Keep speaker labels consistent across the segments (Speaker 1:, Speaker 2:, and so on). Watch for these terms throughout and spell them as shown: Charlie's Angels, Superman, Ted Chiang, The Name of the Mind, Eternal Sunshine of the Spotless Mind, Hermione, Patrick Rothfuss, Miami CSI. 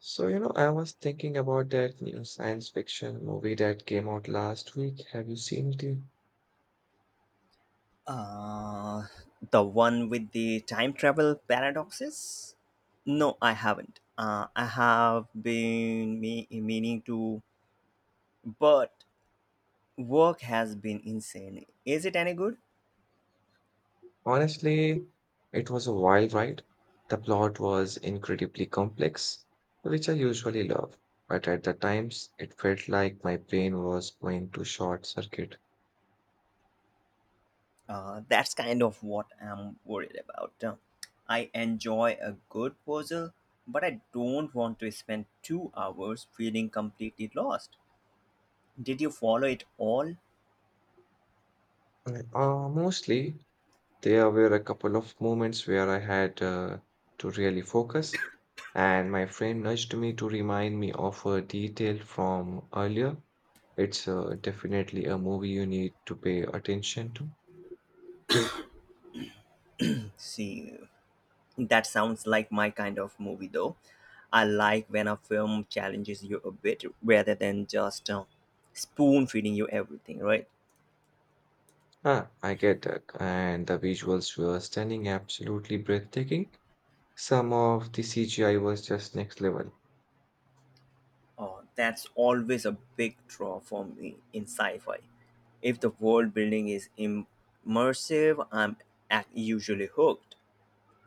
Speaker 1: So, you know, I was thinking about that new science fiction movie that came out last week. Have you seen it?
Speaker 2: Uh, the one with the time travel paradoxes? No, I haven't. I have been meaning to, but work has been insane. Is it any good?
Speaker 1: Honestly, it was a wild ride. The plot was incredibly complex, which I usually love, but at the times it felt like my brain was going to short circuit.
Speaker 2: That's kind of what I'm worried about. I enjoy a good puzzle, but I don't want to spend 2 hours feeling completely lost. Did you follow it all?
Speaker 1: Mostly there were a couple of moments where I had to really focus, and my friend nudged me to remind me of a detail from earlier. It's definitely a movie you need to pay attention to.
Speaker 2: See, that sounds like my kind of movie, though. I like when a film challenges you a bit rather than just spoon feeding you everything, right?
Speaker 1: Ah, I get that. And the visuals were stunning, absolutely breathtaking. Some of the CGI was just next level.
Speaker 2: Oh, that's always a big draw for me in sci fi. If the world building is immersive, I'm usually hooked.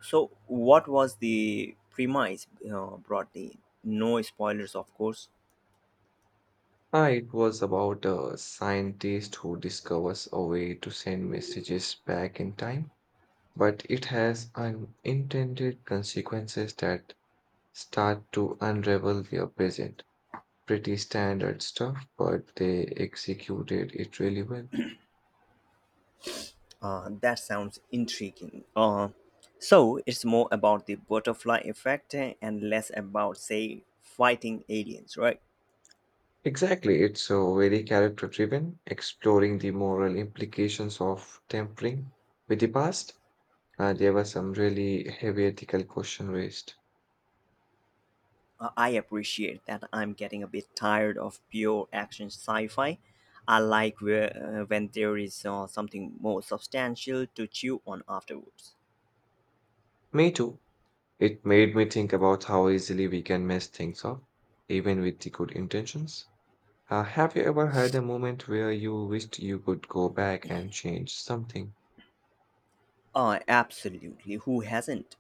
Speaker 2: So, what was the premise broadly? No spoilers, of course.
Speaker 1: Ah, it was about a scientist who discovers a way to send messages back in time, but it has unintended consequences that start to unravel their present. Pretty standard stuff, but they executed it really well.
Speaker 2: That sounds intriguing. So it's more about the butterfly effect and less about, say, fighting aliens, right?
Speaker 1: Exactly, it's so very character driven, exploring the moral implications of tampering with the past. There were some really heavy ethical questions raised.
Speaker 2: I appreciate that I'm getting a bit tired of pure action sci fi. I like where, when there is something more substantial to chew on afterwards.
Speaker 1: Me too. It made me think about how easily we can mess things up, even with the good intentions. Have you ever had a moment where you wished you could go back and change something?
Speaker 2: Absolutely. Who hasn't?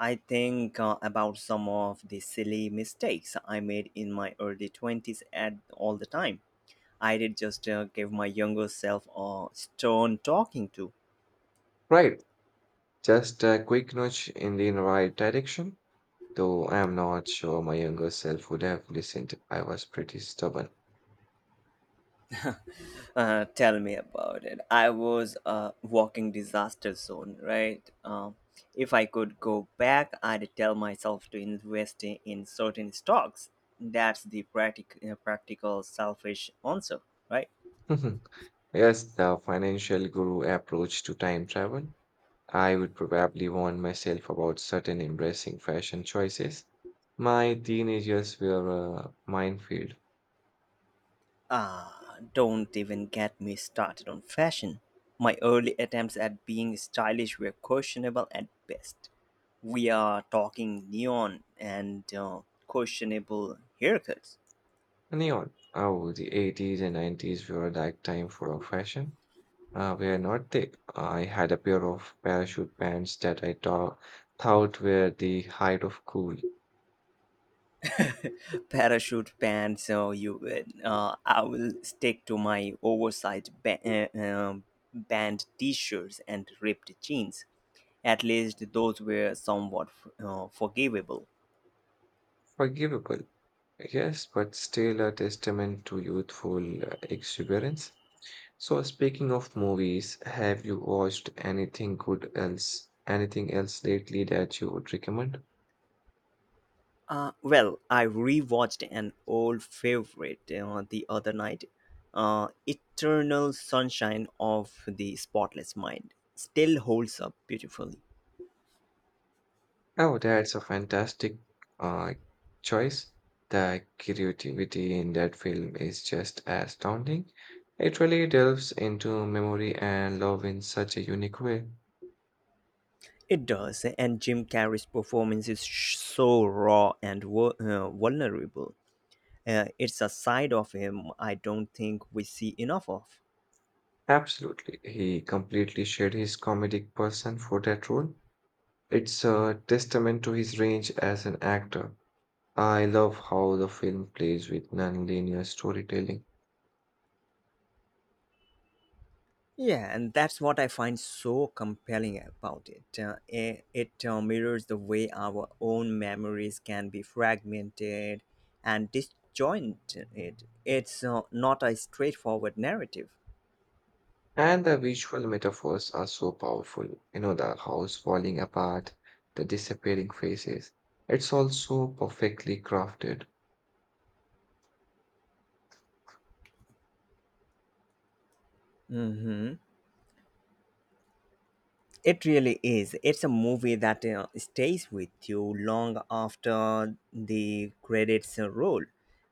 Speaker 2: I think about some of the silly mistakes I made in my early 20s at all the time I did just give my younger self a stone talking to.
Speaker 1: Right, just a quick nudge in the right direction, though I am not sure my younger self would have listened. I was pretty stubborn.
Speaker 2: Tell me about it. I was a walking disaster zone, right? If I could go back, I'd tell myself to invest in certain stocks. That's the practical, selfish answer, right?
Speaker 1: Yes, the financial guru approach to time travel. I would probably warn myself about certain embracing fashion choices. My teenage years were a minefield.
Speaker 2: Ah, don't even get me started on fashion. My early attempts at being stylish were questionable at best. We are talking neon and questionable haircuts.
Speaker 1: Neon. Oh, the 80s and 90s were a dark time for fashion. Were not thick. I had a pair of parachute pants that thought were the height of cool.
Speaker 2: Parachute pants, so you I will stick to my oversized band t shirts and ripped jeans. At least those were somewhat forgivable.
Speaker 1: Forgivable, yes, but still a testament to youthful exuberance. So, speaking of movies, have you watched anything else lately that you would recommend?
Speaker 2: Well, I rewatched an old favorite the other night. Eternal Sunshine of the Spotless Mind still holds up beautifully.
Speaker 1: Oh, that's a fantastic uh, choice. The creativity in that film is just astounding. It really delves into memory and love in such a unique way.
Speaker 2: It does, and Jim Carrey's performance is so raw and vulnerable. It's a side of him I don't think we see enough of.
Speaker 1: Absolutely. He completely shared his comedic person for that role. It's a testament to his range as an actor. I love how the film plays with non-linear storytelling.
Speaker 2: Yeah, and that's what I find so compelling about it. It mirrors the way our own memories can be fragmented and disjointed. It's not a straightforward narrative.
Speaker 1: And the visual metaphors are so powerful. You know, the house falling apart, the disappearing faces. It's also perfectly crafted.
Speaker 2: hmm It really is. It's a movie that stays with you long after the credits roll.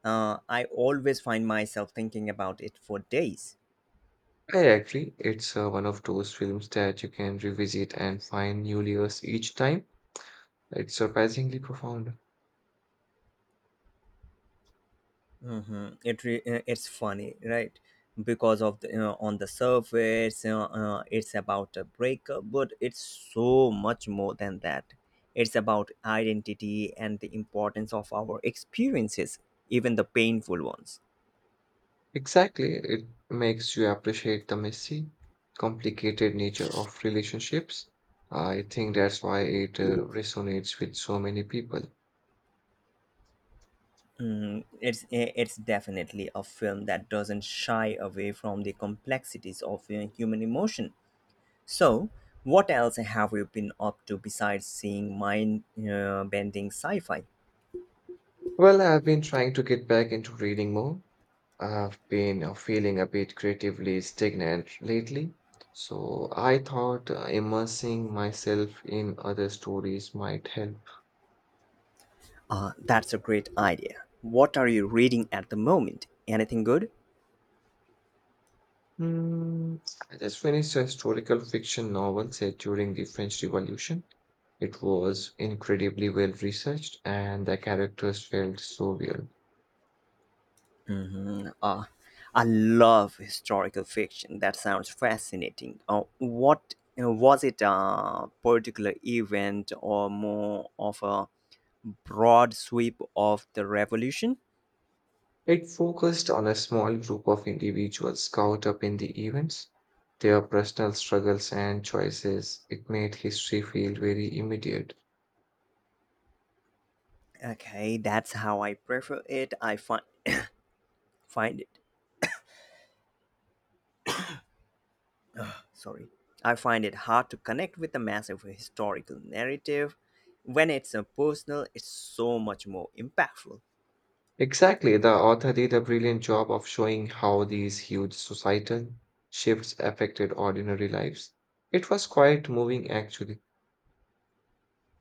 Speaker 2: I always find myself thinking about it for days.
Speaker 1: I agree. It's one of those films that you can revisit and find new layers each time. It's surprisingly profound.
Speaker 2: Mm-hmm. It's funny, right? Because of the on the surface, it's about a breakup, but it's so much more than that. It's about identity and the importance of our experiences, even the painful ones.
Speaker 1: Exactly. It makes you appreciate the messy, complicated nature of relationships. I think that's why it resonates with so many people.
Speaker 2: Mm, it's definitely a film that doesn't shy away from the complexities of human emotion. So, what else have you been up to besides seeing mind-bending sci-fi?
Speaker 1: Well, I've been trying to get back into reading more. I've been feeling a bit creatively stagnant lately, so I thought immersing myself in other stories might help.
Speaker 2: That's a great idea. What are you reading at the moment? Anything good?
Speaker 1: Hmm, I just finished a historical fiction novel set during the French Revolution. It was incredibly well researched, and the characters felt so real.
Speaker 2: hmm Uh, I love historical fiction. That sounds fascinating. What was it a particular event or more of a broad sweep of the revolution?
Speaker 1: It focused on a small group of individuals caught up in the events, their personal struggles and choices. It made history feel very immediate.
Speaker 2: Okay, that's how I prefer it. Find it. Sorry, I find it hard to connect with a massive historical narrative. When it's a personal, it's so much more impactful.
Speaker 1: Exactly, the author did a brilliant job of showing how these huge societal shifts affected ordinary lives. It was quite moving, actually.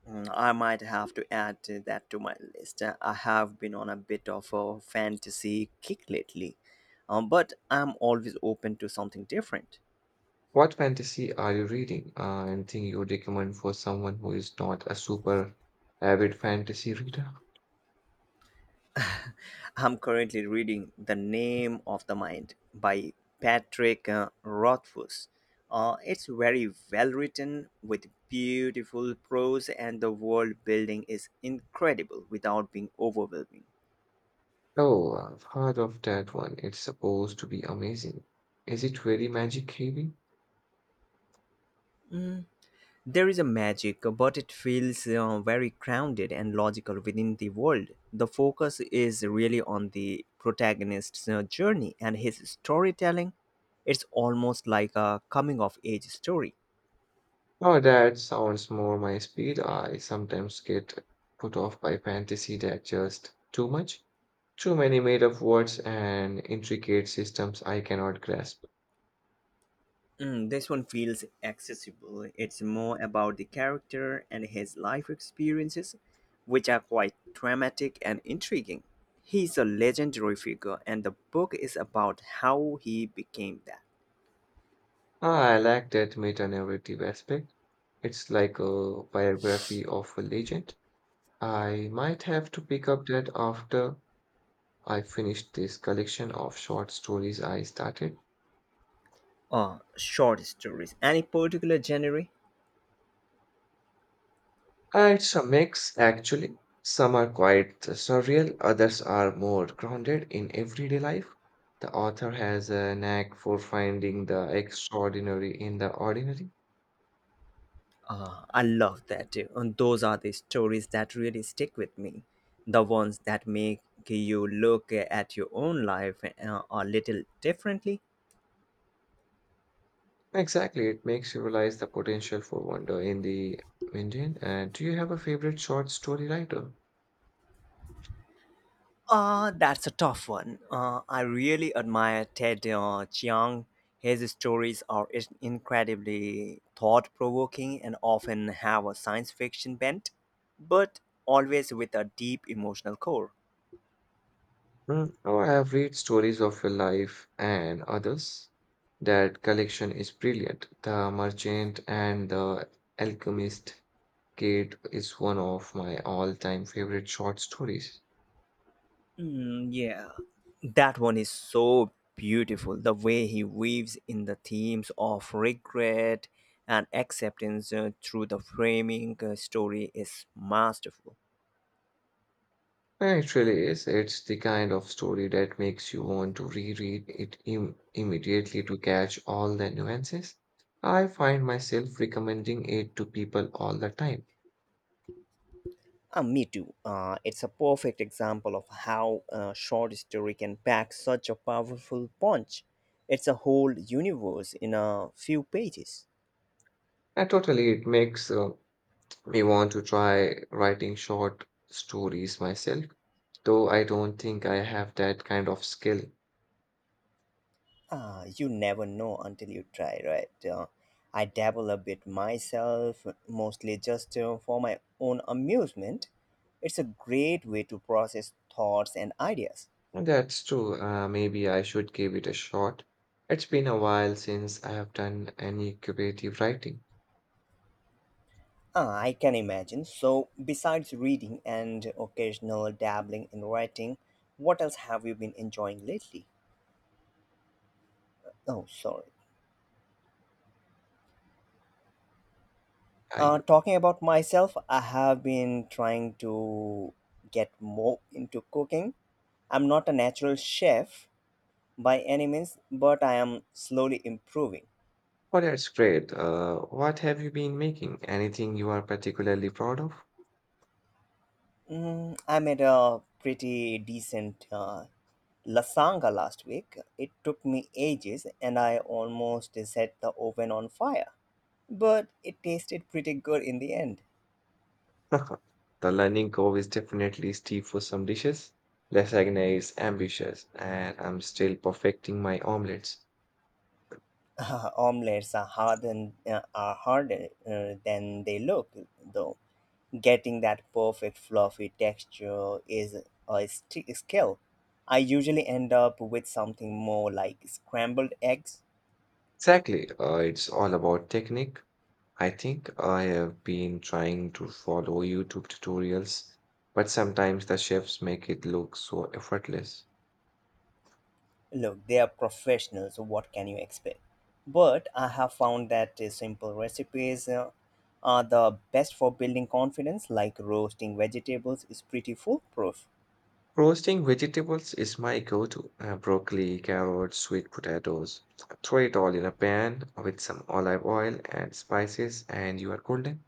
Speaker 2: Mm, I might have to add to that to my list. I have been on a bit of a fantasy kick lately, but I'm always open to something different.
Speaker 1: What fantasy are you reading? Anything you would recommend for someone who is not a super avid fantasy reader?
Speaker 2: I'm currently reading The Name of the Mind by Patrick Rothfuss. It's very well written with beautiful prose, and the world building is incredible without being overwhelming.
Speaker 1: Oh, I've heard of that one. It's supposed to be amazing. Is it very magic heavy?
Speaker 2: There is a magic, but it feels very grounded and logical within the world. The focus is really on the protagonist's journey and his storytelling. It's almost like a coming of age story.
Speaker 1: Oh, that sounds more my speed. I sometimes get put off by fantasy that just too much, too many made up words and intricate systems I cannot grasp.
Speaker 2: Mm, this one feels accessible. It's more about the character and his life experiences, which are quite dramatic and intriguing. He's a legendary figure, and the book is about how he became that.
Speaker 1: Ah, I like that meta-narrative aspect. It's like a biography of a legend. I might have to pick up that after I finish this collection of short stories I started.
Speaker 2: Short stories. Any particular genre?
Speaker 1: It's a mix, actually. Some are quite surreal, others are more grounded in everyday life. The author has a knack for finding the extraordinary in the ordinary.
Speaker 2: I love that too. And those are the stories that really stick with me. The ones that make you look at your own life a little differently.
Speaker 1: Exactly, it makes you realize the potential for wonder in the mundane. And do you have a favorite short story writer?
Speaker 2: That's a tough one. I really admire Ted Chiang. His stories are incredibly thought provoking and often have a science fiction bent, but always with a deep emotional core.
Speaker 1: Hmm, oh, I have read stories of your life and others. That collection is brilliant. The Merchant and the Alchemist Kate is one of my all time favorite short stories.
Speaker 2: Mm, yeah, that one is so beautiful. The way he weaves in the themes of regret and acceptance through the framing story is masterful.
Speaker 1: And it really is. It's the kind of story that makes you want to reread immediately to catch all the nuances. I find myself recommending it to people all the time.
Speaker 2: Me too. It's a perfect example of how a short story can pack such a powerful punch. It's a whole universe in a few pages.
Speaker 1: And totally, it makes me want to try writing short stories myself, though I don't think I have that kind of skill.
Speaker 2: You never know until you try, right? I dabble a bit myself, mostly just for my own amusement. It's a great way to process thoughts and ideas.
Speaker 1: That's true. Maybe I should give it a shot. It's been a while since I have done any creative writing.
Speaker 2: Ah, I can imagine. So, besides reading and occasional dabbling in writing, what else have you been enjoying lately? Oh, sorry.
Speaker 1: Are you?
Speaker 2: Talking about myself, I have been trying to get more into cooking. I'm not a natural chef, by any means, but I am slowly improving.
Speaker 1: Oh, that's great. What have you been making? Anything you are particularly proud of?
Speaker 2: Mm, I made a pretty decent lasagna last week. It took me ages and I almost set the oven on fire, but it tasted pretty good in the end.
Speaker 1: The learning curve is definitely steep for some dishes. Lasagna is ambitious, and I'm still perfecting my omelets.
Speaker 2: Omelets are harder than they look, though. Getting that perfect fluffy texture is a skill. I usually end up with something more like scrambled eggs.
Speaker 1: Exactly, it's all about technique. I think I have been trying to follow YouTube tutorials, but sometimes the chefs make it look so effortless.
Speaker 2: Look, they are professionals, so what can you expect? But I have found that simple recipes are the best for building confidence, like roasting vegetables is pretty foolproof.
Speaker 1: Roasting vegetables is my go-to. Broccoli, carrots, sweet potatoes. Throw it all in a pan with some olive oil and spices, and you are golden.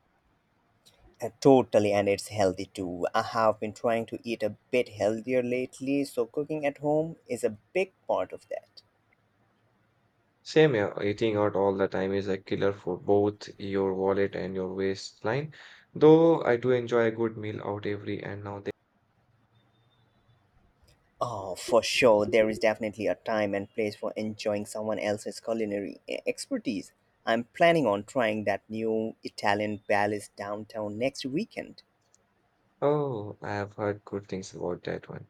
Speaker 2: Totally, and it's healthy too. I have been trying to eat a bit healthier lately, so cooking at home is a big part of that.
Speaker 1: Same here, eating out all the time is a killer for both your wallet and your waistline. Though I do enjoy a good meal out every and now then.
Speaker 2: Oh, for sure. There is definitely a time and place for enjoying someone else's culinary expertise. I'm planning on trying that new Italian palace downtown next weekend.
Speaker 1: Oh, I have heard good things about that one.